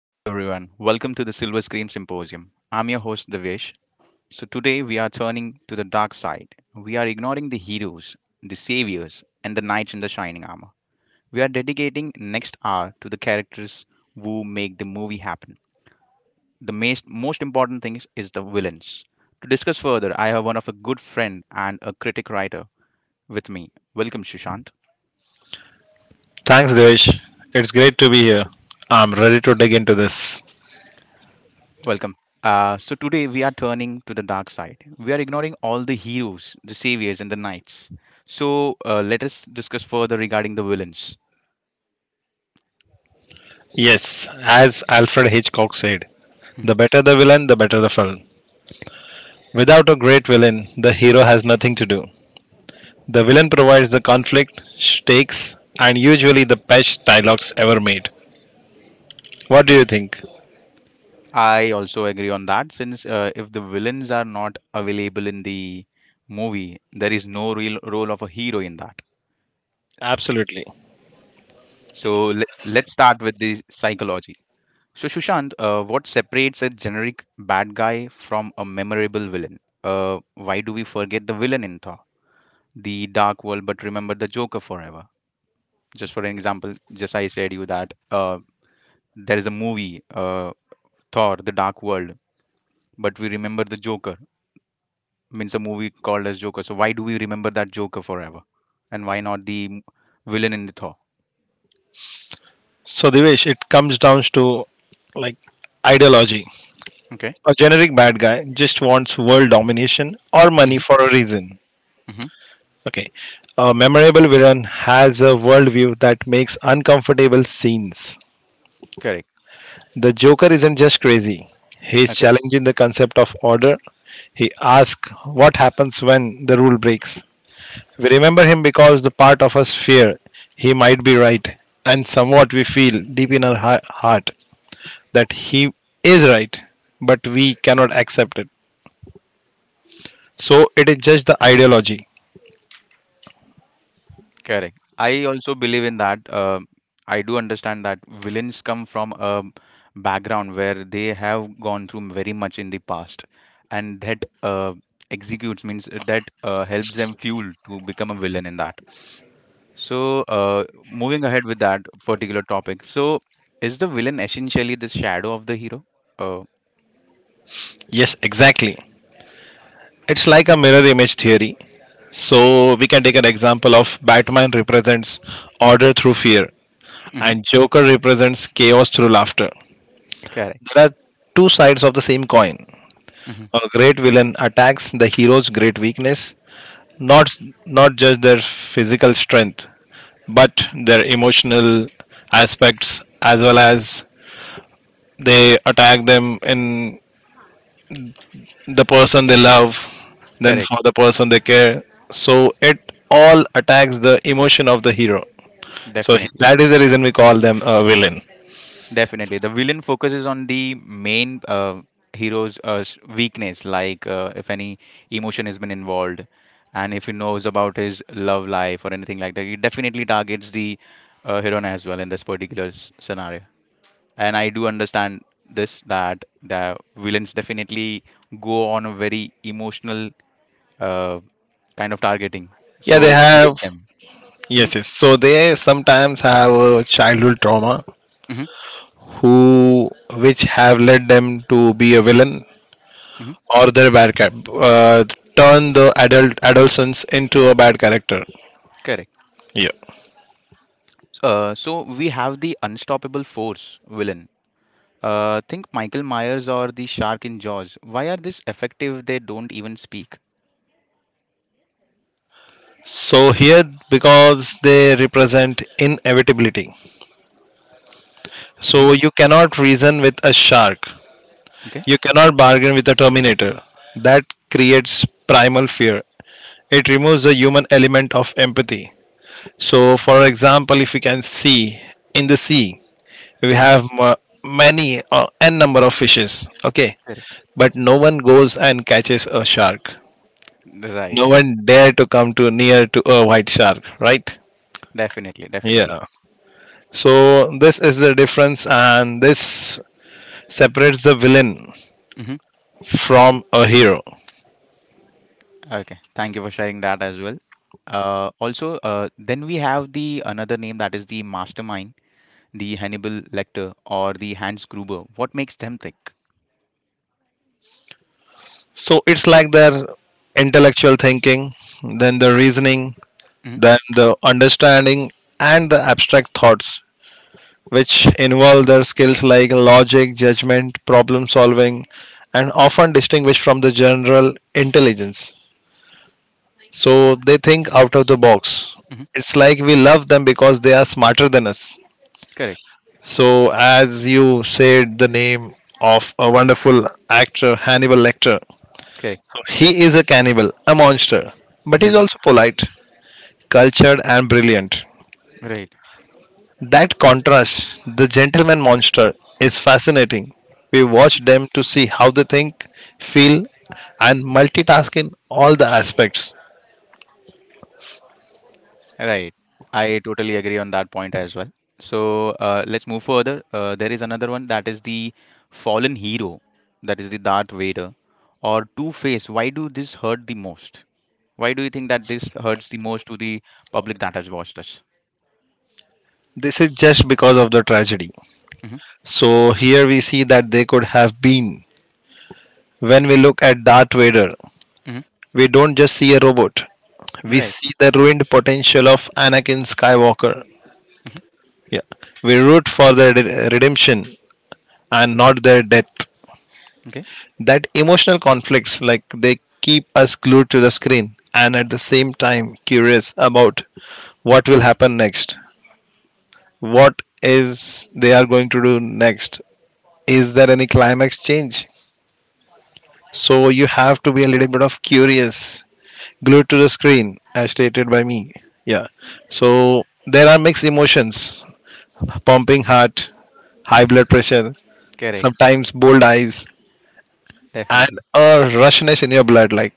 Hello, everyone. Welcome to the Silver Screen Symposium. I'm your host, Devesh. So, today we are turning to the dark side. We are ignoring the heroes, the saviors, and the knights in the shining armor. We are dedicating next hour to the characters who make the movie happen. The most important thing is the villains. To discuss further, I have one of a good friend and a critic writer with me. Welcome, Sushant. Thanks, Devesh. It's great to be here. I'm ready to dig into this. Welcome. So today we are turning to the dark side. We are ignoring all the heroes, the saviors, and the knights. So let us discuss further regarding the villains. Yes, as Alfred Hitchcock said, Hmm. the better the villain, the better the film. Without a great villain, the hero has nothing to do. The villain provides the conflict, stakes, and usually the best dialogues ever made. What do you think? I also agree on that since if the villains are not available in the movie, there is no real role of a hero in that. Absolutely. So let's start with the psychology. So Shushant, what separates a generic bad guy from a memorable villain? Why do we forget the villain in Thor? The dark world, but remember the Joker forever. Just for an example, just I said you that there is a movie, Thor the dark world, but we remember the Joker. Means a movie called as Joker. So why do we remember that Joker forever and why not the villain in the Thor? So, Devesh, it comes down to like ideology. Okay. A generic bad guy just wants world domination or money Hmm. for a reason. Hmm. Okay. A memorable villain has a worldview that makes uncomfortable scenes. Correct. The Joker isn't just crazy, he's Okay. challenging the concept of order. He asks what happens when the rule breaks. We remember him because the part of us fear he might be right, and somewhat we feel deep in our heart that he is right, but we cannot accept it. So it is just the ideology. Correct. I also believe in that. I do understand that villains come from a background where they have gone through very much in the past, and that executes means that helps them fuel to become a villain in that. So, moving ahead with that particular topic, so is the villain essentially the shadow of the hero? Uh, Yes, exactly. It's like a mirror image theory. So we can take an example of Batman represents order through fear, mhm. and Joker represents chaos through laughter. Correct. There are two sides of the same coin. Hmm. A great villain attacks the hero's great weakness, not not just their physical strength, but their emotional aspects as well as they attack them in the person they love, then Correct. for the person they care. So it all attacks the emotion of the hero. So Definitely. that is the reason we call them a villain. Definitely, the villain focuses on the main hero's weakness, like if any emotion has been involved, and if he knows about his love life or anything like that. He definitely targets the heroine as well in this particular scenario. And I do understand this that the villains definitely go on a very emotional uh, kind of targeting, Yeah, they so it have helps them. Hmm. yes. So they sometimes have a childhood trauma Hmm. who which have led them to be a villain Hmm. or their bad cap uh, turn the adult adolescence into a bad character. Correct. Yeah. So we have the unstoppable force villain. Think Michael Myers or the shark in Jaws. Why are this effective? They don't even speak. So here because they represent inevitability. Hmm. So you cannot reason with a shark. Okay. You cannot bargain with a Terminator. That creates primal fear. It removes the human element of empathy. So, for example, if you can see in the sea, we Hmm. have many or n number of fishes. Okay, Correct. but no one goes and catches a shark. Right. No one dare to come to near to a white shark, right? Definitely. Definitely. Yeah. So this is the difference, and this separates the villain Hmm. from a hero. Okay. Thank you for sharing that as well. Also, then we have the another name that is the mastermind, the Hannibal Lecter or the Hans Gruber. What makes them thick? So it's like their intellectual thinking, then the reasoning, Hmm. then the understanding, and the abstract thoughts, which involve their skills like logic, judgment, problem solving, and often distinguished from the general intelligence. So they think out of the box. Hmm. It's like we love them because they are smarter than us. Correct. So, as you said, the name of a wonderful actor, Hannibal Lecter, Correct. he is a cannibal, a monster, but he's Hmm. also polite, cultured, and brilliant. Right. That contrast, the gentleman monster, is fascinating. We watch them to see how they think, feel, and multitask in all the aspects. Right. I totally agree on that point as well. So let's move further. There is another one that is the fallen hero, that is the Darth Vader or Two Face. Why do this hurt the most? Why do you think that this hurts the most to the public that has watched us? This is just because of the tragedy. Mm-hmm. So here we see that they could have been. When we look at Darth Vader, Mm-hmm. we don't just see a robot. We Right. see the ruined potential of Anakin Skywalker. Mm-hmm. Yeah. We root for their redemption and not their death. Okay. That emotional conflicts, like they keep us glued to the screen and at the same time curious about what will happen next. What is they are going to do next? Is there any climax change? So you have to be a little bit of curious, glued to the screen, as stated by me. Yeah. So there are mixed emotions pumping heart, high blood pressure, Correct. sometimes bold eyes, and Definitely. a rushness in your blood. Like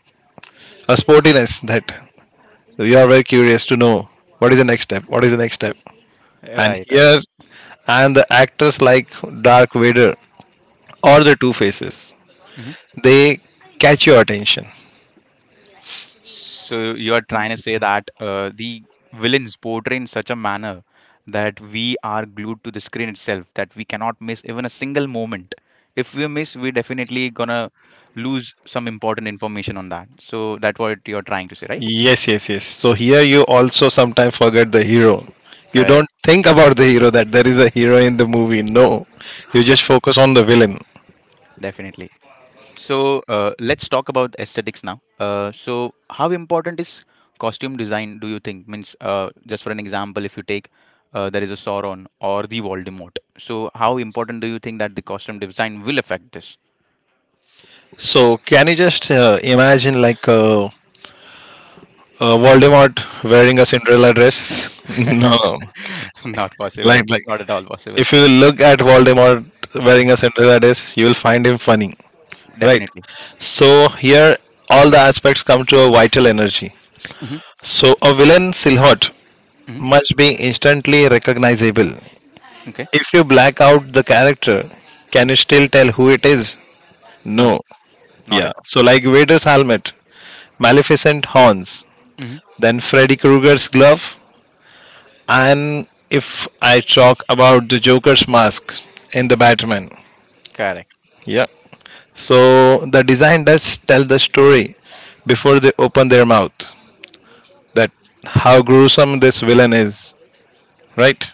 a sportiness that we are very curious to know what is the next step, and Right. Right. here and the actors like Dark Vader or the Two Faces, Mm-hmm. they catch your attention. So you are trying to say that the villains portray in such a manner that we are glued to the screen itself, that we cannot miss even a single moment. If we miss, we definitely gonna lose some important information on that. So that's what you're trying to say, right? Yes, so here you also sometimes forget the hero. You Correct. don't think about the hero that there is a hero in the movie. No, you just focus on the villain. Definitely. So let's talk about aesthetics now. So how important is costume design? Do you think? Means just for an example, if you take there is a Sauron or the Voldemort. So how important do you think that the costume design will affect this? So can you just imagine Voldemort wearing Mhm. a Cinderella dress? No, Not possible. like Not at all possible. if you look at Voldemort wearing Mhm. a Cinderella dress, you will find him funny, right? Definitely. So here, all the aspects come to a vital energy. Hmm. So a villain silhouette Hmm. must be instantly recognizable. Okay. If you black out the character, can you still tell who it is? No, No. not Yeah. at all. So like Vader's helmet, Maleficent horns, Hmm. then Freddy Krueger's glove, and if I talk about the Joker's mask in the Batman, Correct. yeah, so the design does tell the story before they open their mouth, that how gruesome this villain is, right?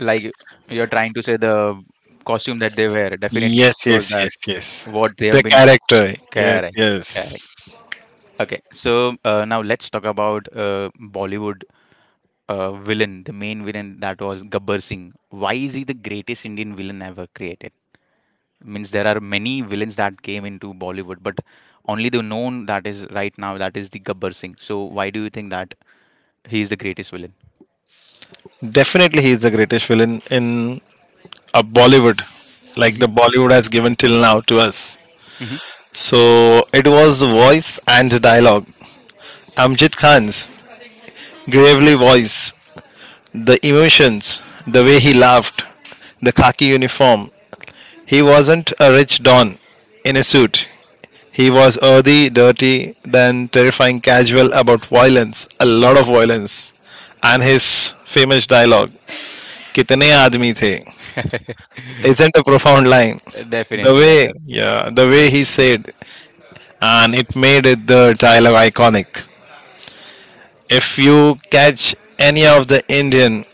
Like you're trying to say the costume that they wear definitely Yes, shows yes, that yes, yes. what they The have been. character. Yes, Correct. Correct. yes. Okay, so now let's talk about Bollywood villain, the main villain that was Gabbar Singh. Why is he the greatest Indian villain ever created? Means there are many villains that came into Bollywood, but only the known that is right now that is the Gabbar Singh. So why do you think that he is the greatest villain? Definitely he is the greatest villain in a Bollywood, like Hmm. the Bollywood has given till now to us. Hmm. So it was the voice and the dialogue. Amjit Khan's gravely voice, the emotions, the way he laughed, the khaki uniform, he wasn't a rich don in a suit. He was earthy, dirty, then terrifying casual about violence, a lot of violence. And his famous dialogue, Kitne aadmi the, isn't a profound line. The Definitely, way, definitely. yeah, the way he said, and it made it the dialogue iconic. If you catch any of the Indian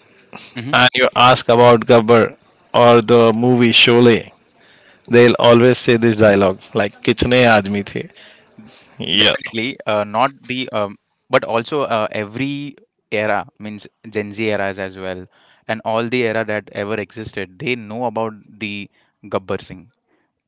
Mm-hmm. and you ask about Gabbar or the movie Sholay, they'll always say this dialogue, like Kitne aadmi the. Yeah. Definitely, not the but also every era means Gen Z eras as well, and all the era that ever existed, they know about the Gabbar Singh.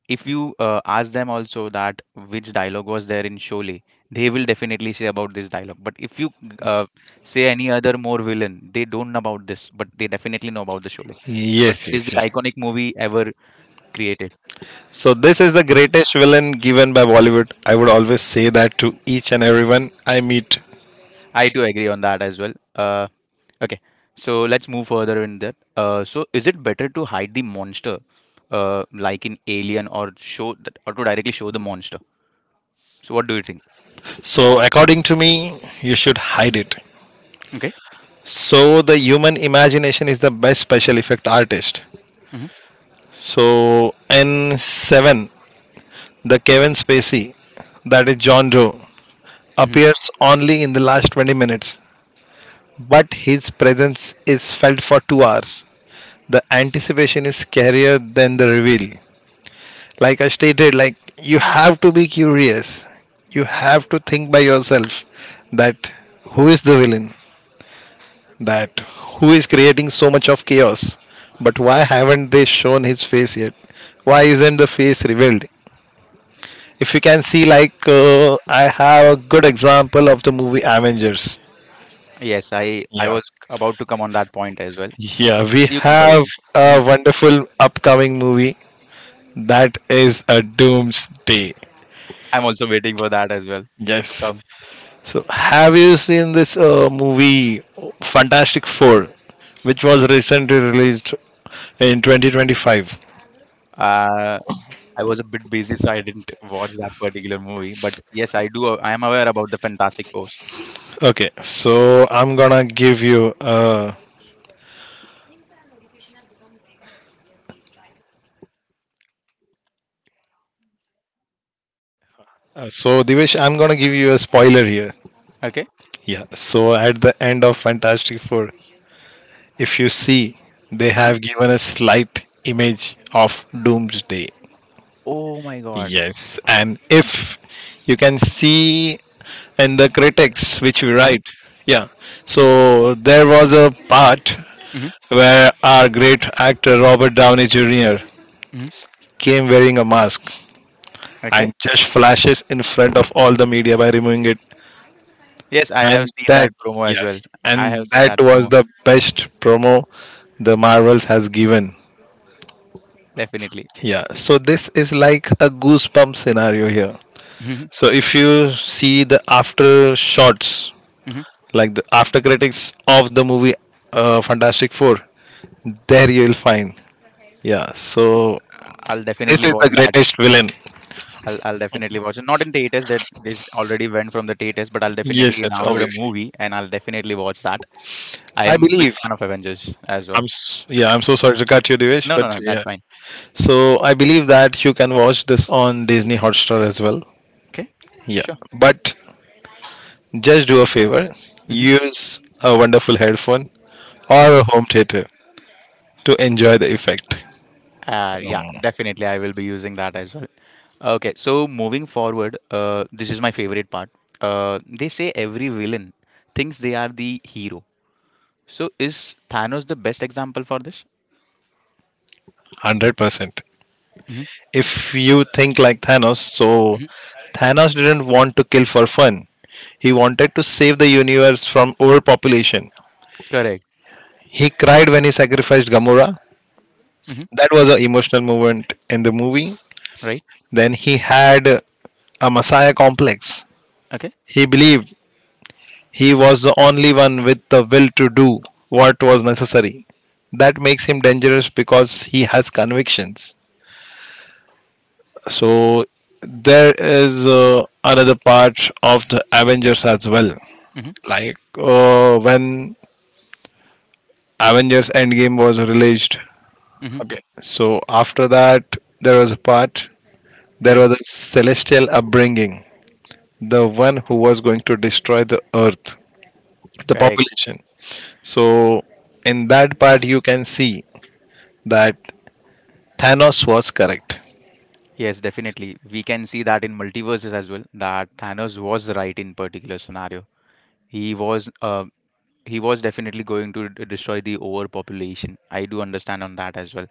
If you ask them also that which dialogue was there in Sholay, they will definitely say about this dialogue. But if you uh, say any other more villain, they don't know about this, but they definitely know about the Sholay because Yes, it is yes, the yes. iconic movie ever So this is the created. greatest villain given by Bollywood. I would always say that to each and everyone I meet. I do agree on that as well. Okay, so let's move further in that. So is it better to hide the monster, like in Alien, or show that, or to directly show the monster? So what do you think? So according to me, you should hide it. Okay. So the human imagination is the best special effect artist. Hmm. So in 7, the Kevin Spacey, that is John Doe, Hmm. appears only in the last 20 minutes, but his presence is felt for 2 hours. The anticipation is scarier than the reveal. Like I stated, like you have to be curious, you have to think by yourself that who is the villain, that who is creating so much of chaos, but why haven't they shown his face yet? Why isn't the face revealed? If you can see, like I have a good example of the movie Avengers. Yes, I yeah was about to come on that point as well. yeah we You can have further. Hmm. a wonderful upcoming movie, that is a Doomsday. I'm also waiting for that as well to Yes. come. So, have you seen this movie Fantastic Four, which was recently released in 2025? Uh, I was a bit busy, so I didn't watch that particular movie. But yes, I do. I am aware about the Fantastic Four. Okay, so I'm gonna give you. So, Divesh, I'm gonna give you a spoiler here. Okay. Yeah. So, at the end of Fantastic Four, if you see, they Uh-huh. have given a slight image of Doomsday. Oh my God. Yes, and if you can see in the critics which we Uh-huh. write, yeah. So there was a part Hmm. where our great actor Robert Downey Jr. came wearing a mask and Okay. just flashes in front of all the media by removing it. Yes, I have And seen that that, promo as well. yes, I and have seen that that was promo the best promo the Marvels has given. definitely. Yeah, so this is like a goosebump scenario here. Mhm, So if you see the after shots, mhm. like the after critics of the movie Fantastic Four. There you will find. Yeah. So I'll this definitely is watch the that. greatest villain. I'll definitely watch it. Not in theaters that this already went from the theaters, but I'll Yes, definitely yes, download a obviously. movie and I'll definitely watch that. I I am big believe. fan of Avengers as I'm well. s- yeah. I'm so sorry to cut you, Divesh, No, but no, no, yeah. that's fine. So I believe that you can watch this on Disney Hotstar as well. Okay. Yeah. Sure. But just do a favor. Hmm. Use a wonderful headphone Okay. or a home theater to enjoy the effect. Yeah, definitely. I will be using that as well. Okay, so moving forward, this is my favorite part. They say every villain thinks they are the hero. So is Thanos the best example for this? 100%. Hmm. If you think like Thanos, so Hmm. Thanos didn't want to kill for fun. He wanted to save the universe from overpopulation. Correct. He cried when he sacrificed Gamora. Hmm. That was an emotional moment in the movie. Right. Then he had a messiah complex. Okay. He believed he was the only one with the will to do what was necessary. That makes him dangerous because he has convictions. So there is another part of the Avengers as well. Hmm. Like when Avengers Endgame was released. Hmm. Okay, so after that, there was a part, there Right. was a celestial upbringing, the one who was going to destroy the earth, the Correct. population. So, in that part, you can see that Thanos was correct. Yes, definitely. We can see that in multiverses as well. That Thanos was right in particular scenario. He was. He was definitely going to destroy the overpopulation. I do understand on that as well.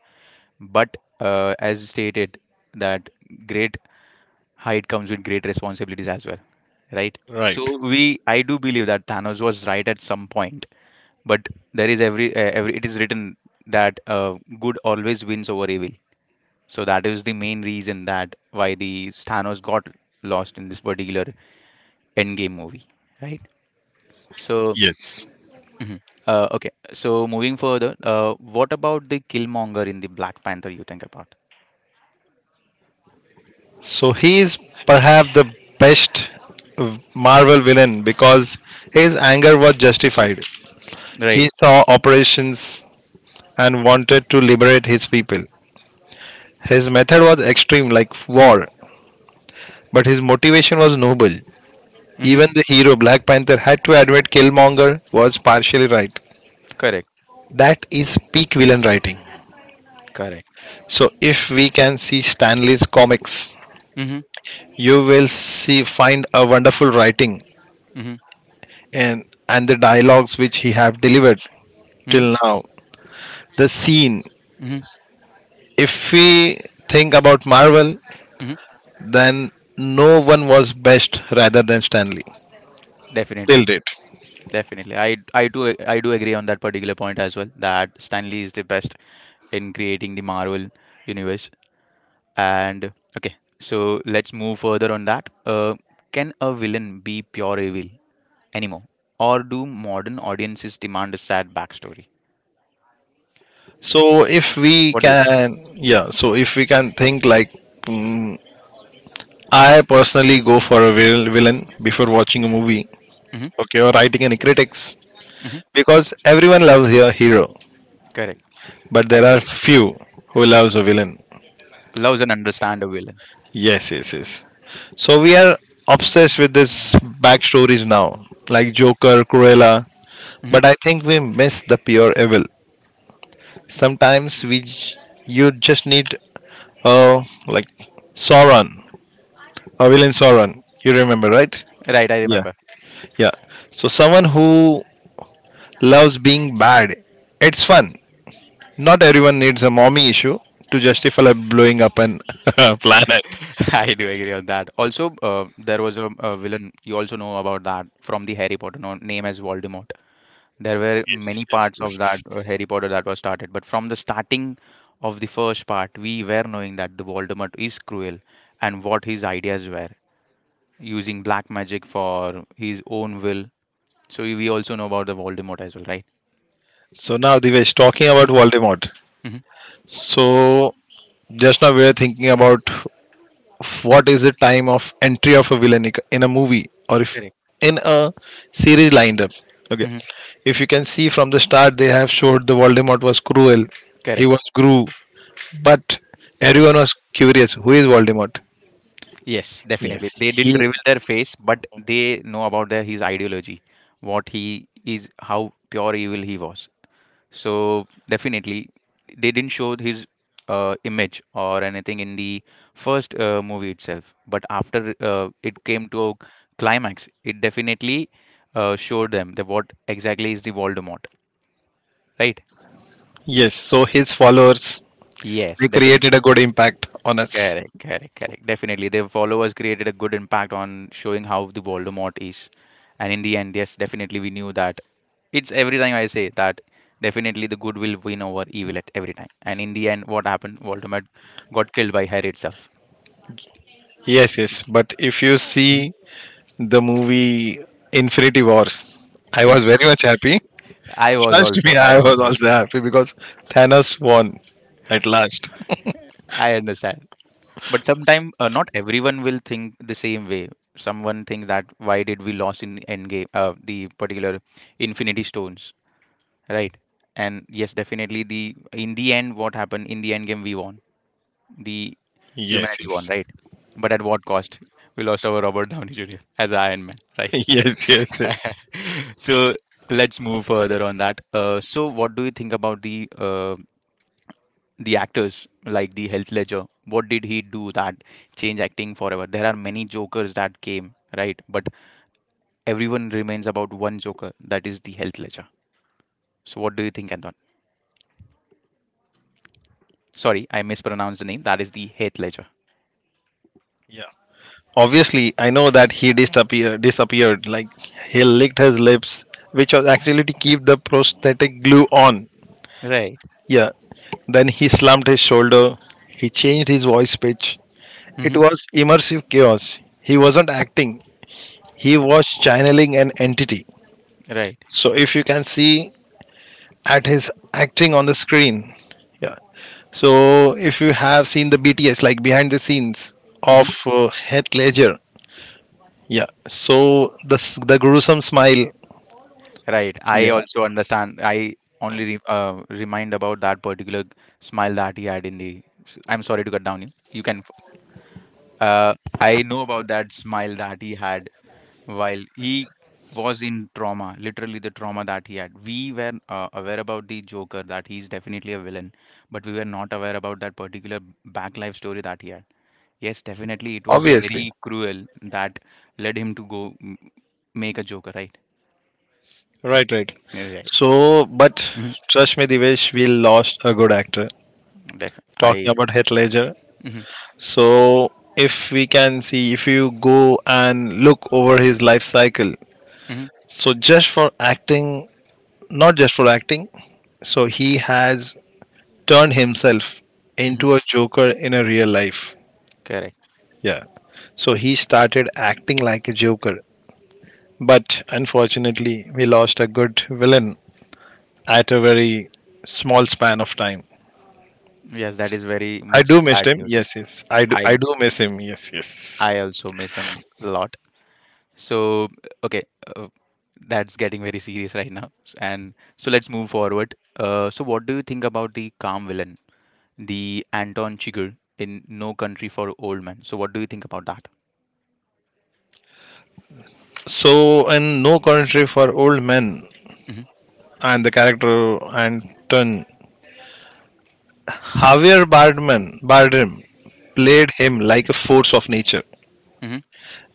But as stated, that great height comes with great responsibilities as well, right? Right. So we, I do believe that Thanos was right at some point, but there is every it is written that good always wins over evil. So that is the main reason that why the Thanos got lost in this particular endgame movie, right? So Yes. mhm. Okay, so moving further, what about the Killmonger in the Black Panther? You think about So, he is perhaps the best Marvel villain because his anger was justified. right. He saw operations and wanted to liberate his people. His method was extreme, like war, but his motivation was noble. Mm-hmm. Even the hero Black Panther had to admit Killmonger was partially right. Correct. That is peak villain writing. Correct. So, if we can see Stanley's comics, Mm-hmm. you will see find a wonderful writing Mm-hmm. and the dialogues which he have delivered Mm-hmm. till now. The scene. Mm-hmm. If we think about Marvel, Hmm. then no one was best rather than Stanley Definitely. till date. Definitely, I do agree on that particular point as well that Stanley is the best in creating the Marvel universe. And okay, so let's move further on that. Can a villain be pure evil anymore, or do modern audiences demand a sad backstory? So if we What do you think? can, yeah, so if we can think like, mm, I personally go for a villain before watching a movie, Mm-hmm, okay, or writing any critics, mm-hmm, because everyone loves a hero, correct. but I there do are agree. few who loves a villain. Loves and understand a villain. Yes. So we are obsessed with this backstories now, like Joker, Cruella, Hmm. but I think we miss the pure evil. Sometimes you just need, like Sauron, Villain Sauron. You remember, right? Right, I Yeah. remember. Yeah. So someone who loves being bad, it's fun. Not everyone needs a mommy issue to justify like, blowing up an planet. I do agree on that. Also, there was a villain. You also know about that from the Harry Potter, known name as Voldemort. There were Yes, many yes, parts of yes. that Harry Potter that was started, but from the starting of the first part, we were knowing that the Voldemort is cruel and what his ideas were, using black magic for his own will. So we also know about the Voldemort as well, right? So now Divesh, talking about Voldemort. Mm-hmm. So just now we were thinking about what is the time of entry of a villain in a movie or if Correct. in a series lined up. Okay. Hmm. If you can see from the start, they have showed the Voldemort was cruel. He Correct. was grew. But everyone was curious who is Voldemort? Yes, Yes. definitely. They didn't He, reveal their face, but they know about their his ideology, what he is, how pure evil he was. So definitely, they didn't show his image or anything in the first movie itself. But after it came to a climax, it definitely showed them that what exactly is the Voldemort, right? yes, so his followers, Yes, they created definitely. a good impact on us. Correct, correct, correct. Definitely, their followers created a good impact on showing how the Voldemort is. And in the end, yes, definitely we knew that it's every time I say that definitely the good will win over evil at every time. And in the end, what happened? Voldemort got killed by Harry itself. Yes, yes. But if you Mhm. see the movie Infinity Wars, I was Infinity very Wars. much happy. I was Trust me, also. I I was was also. also happy because Thanos won at last. I understand. But sometimes not everyone will think the same way. Someone thinks that why did we lose in the end game, the particular Infinity Stones, right? And yes, definitely the in the end, what happened in the end game we won. The Yes. humanity won, Yes. right? But at what cost? We lost our Robert Downey Jr. as Iron Man, right? yes. Yes. Yes. So let's move further on that. So what do you think about the actors like the Heath Ledger? What did he do that change acting forever? There are many Jokers that came, right? But everyone remains about one Joker, that is the Heath Ledger. So what do you think, Anton? Sorry, I mispronounced the name. That is the Heath Ledger. Yeah. Obviously, I know that disappeared. Like he licked his lips, which was actually to keep the prosthetic glue on. Right. Yeah. Then he slumped his shoulder. He changed his voice pitch. It Hmm. was immersive chaos. He wasn't acting. He was channeling an entity. Right. So if you can see at his acting on the screen, yeah. So if you have seen the BTS like behind the scenes of Heath Ledger, yeah. So the gruesome smile. Right, I Yeah, also understand. I only re remind about that particular smile that he had in the. I'm sorry to cut down you. You can. Uh, I know about that smile that he had while he was in trauma, literally the trauma that he had. We were aware about the Joker that he's definitely a villain, but we were not aware about that particular back life story that he had. Yes, definitely it was obviously. very cruel that led him to go m- make a Joker, right? Right, right. Right. So, but Mhm. trust me, Divesh, we lost a good actor. Def Talking I. about Heath Ledger. Mhm. So, if we can see, if you go and look over his life cycle, Mhm, so just for acting, not just for acting, so he has turned himself mhm. into a Joker in a real life. Correct. Yeah. So he started acting like a Joker. But unfortunately, we lost a good villain at a very small span of time. Yes, that is very I much do miss sad him. news. Yes, yes. I do. I I do miss him. Yes, yes. I also miss him a lot. So okay, uh, that's getting very serious right now. And so let's move forward. So what do you think about the calm villain, the Anton Chigurh in No Country for Old Men? So what do you think about that? So in No Country for Old Men Mm-hmm, and the character Anton, Javier Bardman Bardem played him like a force of nature. mm-hmm,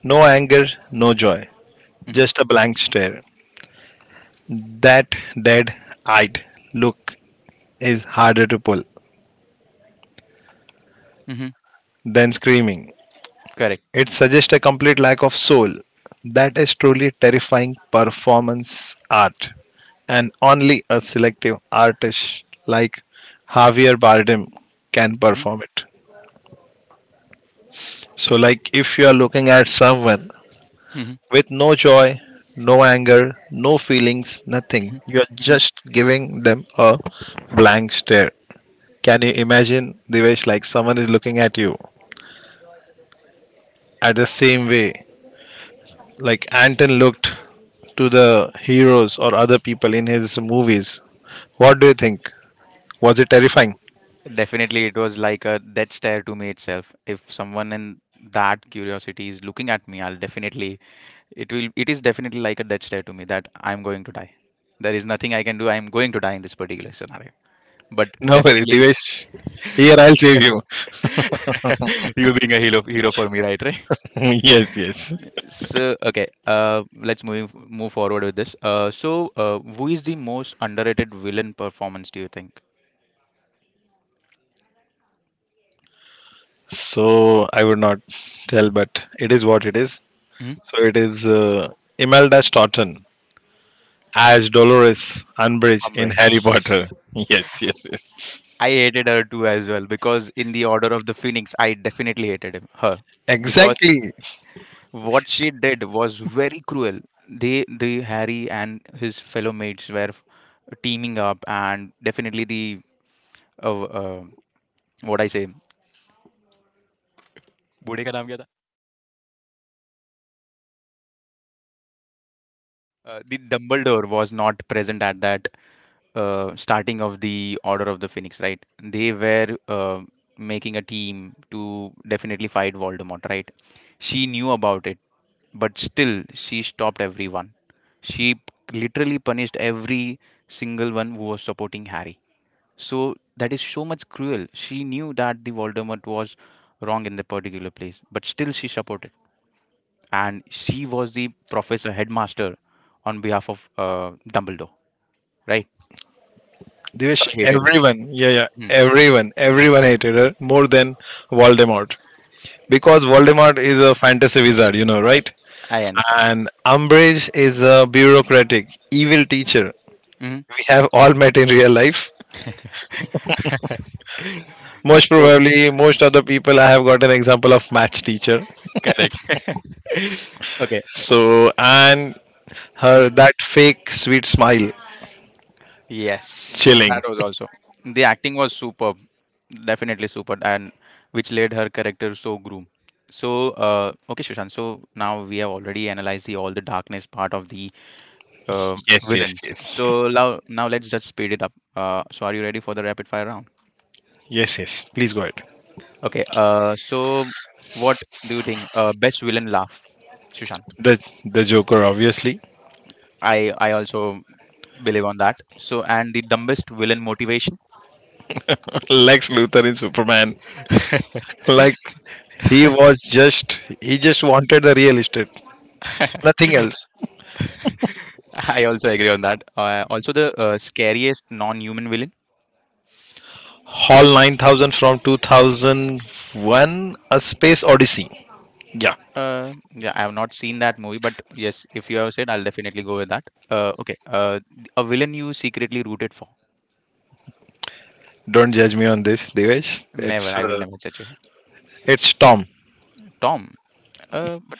No anger, no joy, mm-hmm, just a blank stare. That dead-eyed look is harder to pull mm-hmm. than screaming. Correct. It suggests a complete lack of soul. That is truly terrifying performance art, and only a selective artist like Javier Bardem can Mm-hmm, perform it. So, like if you are looking at someone mm-hmm, with no joy, no anger, no feelings, mm-hmm, nothing, you are hmm. just giving them a blank stare. Can you imagine, Divesh, like someone is looking at you at the same way, like Anton looked to the heroes or other people in his movies. What do you think? Was it terrifying? Definitely, it was like a death stare to me itself. If someone in that curiosity is looking at me, I'll definitely it will it is definitely like a death stare to me that I'm going to die. There is nothing I can do, I'm going to die in this particular scenario, but No worries, definitely Divesh. Here, I'll save you. you being a hero for me, right? Right. yes, yes. So okay, let's move forward with this. Who is the most underrated villain performance, do you think? So, I would not tell, but it is what it is. Hmm? So, it is Imelda Staunton as Dolores Umbridge in Harry Potter. Umbridge. Yes, yes, yes. I hated her too as well because in the Order of the Phoenix, I definitely hated him, her, because Exactly. what she did was very cruel. They, the Harry and his fellow mates were teaming up, and definitely the uh, uh, what I say, बूढ़े का नाम क्या था? The Dumbledore was not present at that starting of the Order of the Phoenix, right? They were making a team to definitely fight Voldemort, right? She knew about it, but still she stopped everyone. She p- literally punished every single one who was supporting Harry. So that is so much cruel. She knew that the Voldemort was wrong in the particular place, but still she supported, and she was the professor headmaster on behalf of Dumbledore, right? So Divish, I hated her. everyone, yeah, yeah, Hmm, everyone, everyone hated her more than Voldemort. Because Voldemort is a fantasy wizard, you know, right? I understand. And Umbridge is a bureaucratic, evil teacher Hmm. we have all met in real life. Most So probably, most other people I have got an example of match teacher. correct. okay. So, and her Mhm. that fake sweet smile, Yes, chilling. that was also the acting was superb, definitely superb, and which led her character so groom. So okay, Shushan. So now we have already analyzed the all the darkness part of the uh, Yes, yes, villains. yes, So now let's just speed it up. So are you ready for the rapid fire round? yes, yes. Please go ahead. Okay, so what do you think? Best villain laugh, Sushant. The Joker, obviously. I also believe on that. So and the dumbest villain motivation. Lex Luthor in Superman. Like he just wanted the real estate, nothing else. I also agree on that. Also the scariest non-human villain. Hall 9000 from 2001, A Space Odyssey. Yeah, Yeah, I have not seen that movie, but yes, if you have said, I'll definitely go with that. Okay, a villain you secretly rooted for. don't judge me on this, Devesh. Never, I will never judge you. It's Tom. Tom. But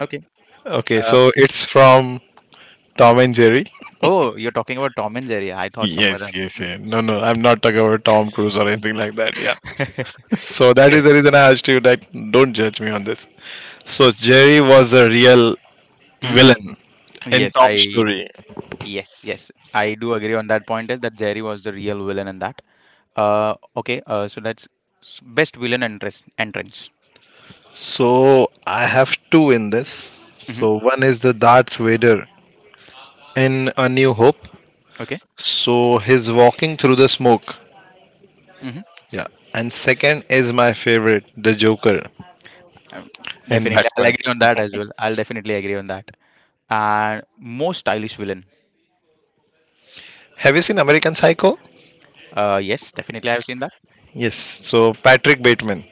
okay. Okay, Uh, so it's from Tom and Jerry. oh, you're talking about Tom and Jerry. I thought somewhere Yes, else. yes, yeah. No, no, I'm not talking about Tom Cruise or anything like that. Yeah. So that is okay. the reason I asked you that. Don't judge me on this. So Jerry was a real Hmm. villain in Yes, Tom's I story. yes, yes, I do agree on that point is that Jerry was the real villain in that. Uh, okay, uh, so that's best villain entrance. So I have two in this. Mm-hmm. So one is the Darth Vader in A New Hope, Okay. so his walking through the smoke. Mm-hmm. Yeah. And second is my favorite, the Joker Um, in definitely I'll Batman. agree on that as well. I'll definitely agree on that. And most stylish villain. Have you seen American Psycho? Uh, yes, definitely I've seen that. Yes. So Patrick Bateman.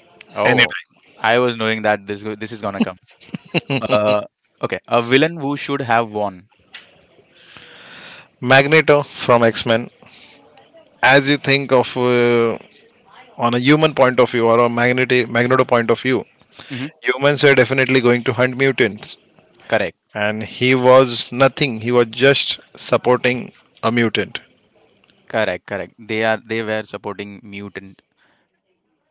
Anytime. Oh, I was knowing that this is gonna come. Uh, okay, a villain who should have won. Magneto from X Men. As you think of on a human point of view or a Magneto point of view, Mm-hmm. humans were definitely going to hunt mutants. Correct. And he was nothing, he was just supporting a mutant. Correct, correct. They are they were supporting mutant.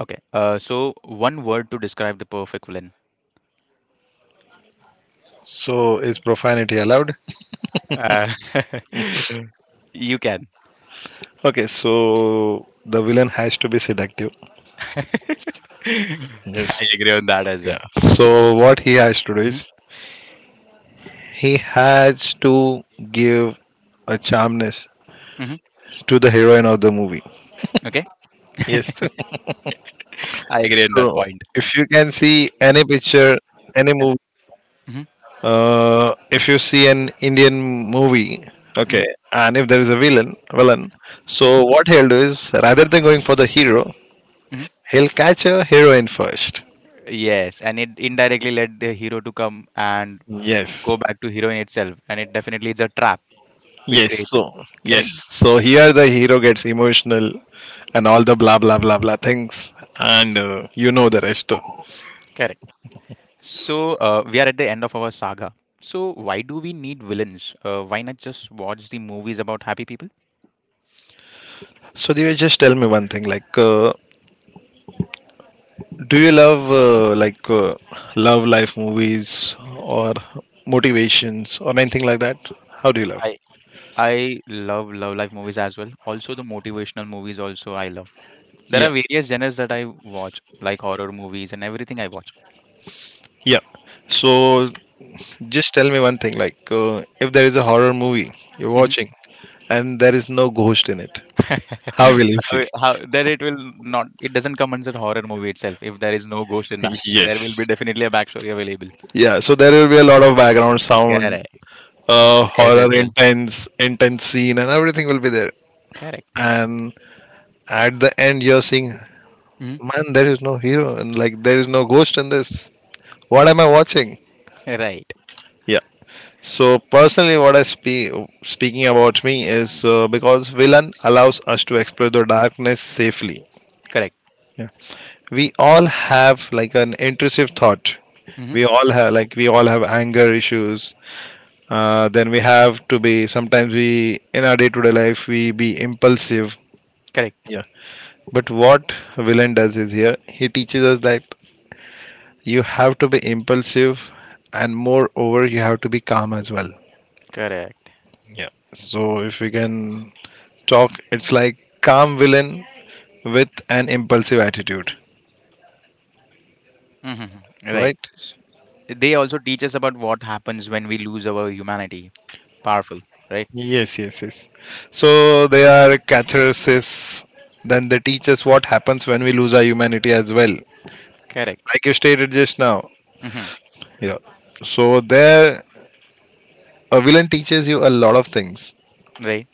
Okay. So one word to describe the perfect villain. So, is profanity allowed? Uh, you can. Okay, so the villain has to be seductive. Yes. I agree on that as Yeah. well. So what he has to do Hmm. is he has to give a charmness Hmm. to the heroine of the movie. Okay. Yes. I agree on that So point. if you can see any picture, any Uh-huh. movie, Hmm. If you see an Indian movie, Hmm. okay, and if there is a villain, so Hmm. what he'll do is rather than going for the hero, Hmm. he'll catch a heroine first. Yes, and it indirectly led the hero to come and Yes. go back to heroine itself, and it definitely is a trap which Yes. creates So him. yes. Correct. So here the hero gets emotional and all the blah blah blah blah things and you know the rest. Correct. So we are at the end of our saga. So why do we need villains? Why not just watch the movies about happy people? So Divya, just tell me one thing, like do you love love life movies or motivations or anything like that, how do you love? I love love life movies as well. Also the motivational movies also I love. There are Yeah, various genres that I watch, like horror movies and everything I watch. yeah. So just tell me one thing, like if there is a horror movie you're Mhm. watching and there is no ghost in it, how will you How feel? That it will not it doesn't come as a horror movie itself. If there is no ghost in that, there will Yes. be definitely a backstory available. Yeah, so there will be a lot of background sound, Correct. uh, As horror well. Intense scene and everything will be there. Correct. And at the end you're seeing, Hmm. man, there is no hero and like there is no ghost in this. What am I watching? Right. Yeah. So personally, what I speaking about me is because villain allows us to explore the darkness safely. Correct. Yeah. We all have like an intrusive thought. Hmm. We all have anger issues. Then we have to be, sometimes we in our day-to-day life we be impulsive. Correct. Yeah. But what villain does is here he teaches us that you have to be impulsive and moreover you have to be calm as well. Correct. Yeah. So if we can talk, it's like calm villain with an impulsive attitude, Hmm. Right. right. They also teach us about what happens when we lose our humanity. Powerful. Right. Yes, yes, yes. So they are catharsis, then they teach us what happens when we lose our humanity as well, Correct. like you stated just now. Hmm. Yeah. So there a villain teaches you a lot of things. Right.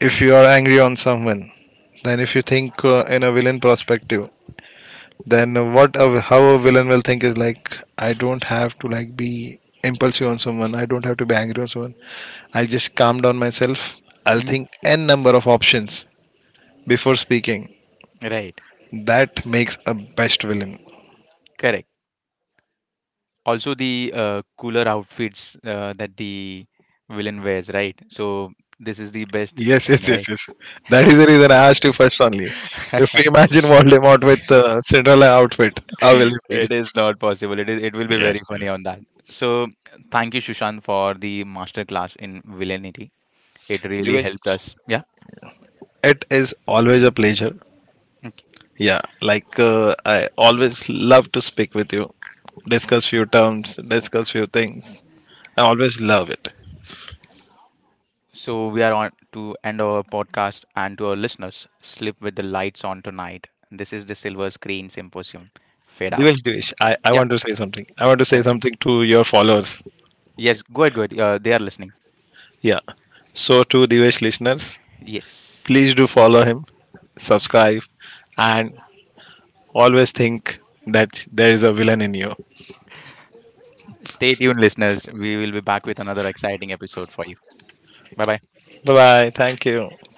If you are angry on someone, then if you think, in a villain perspective, then how a villain will think is like, I don't have to like be impulsive on someone, I don't have to be angry on someone. I'll just calm down myself. I'll Mhm. think n number of options before speaking. Right. That makes a best villain. Correct. Also the cooler outfits that the villain wears, right? So this is the best Yes, yes, thing, yes, right? yes. That is the reason I asked you first only. If you imagine Voldemort with Cinderella outfit, how will you feel? It is not possible. It is. It will be Yes, very funny yes. on that. So thank you, Shushan, for the masterclass in villainy. It really helped Divesh, us. Yeah. it is always a pleasure. Okay. Yeah, like I always love to speak with you, discuss few terms, discuss few things. I always love it. So we are on to end our podcast, and to our listeners, sleep with the lights on tonight. This is the Silver Screen Symposium. Fade out. Divesh, Divesh, I Yeah. want to say something. I want to Yeah. say something to your followers. Yes. Go ahead. Go ahead. They are listening. Yeah. So to Divesh listeners, Yes. please do follow him, subscribe, and always think that there is a villain in you. Stay tuned, listeners. We will be back with another exciting episode for you. Bye bye. Bye bye. Thank you.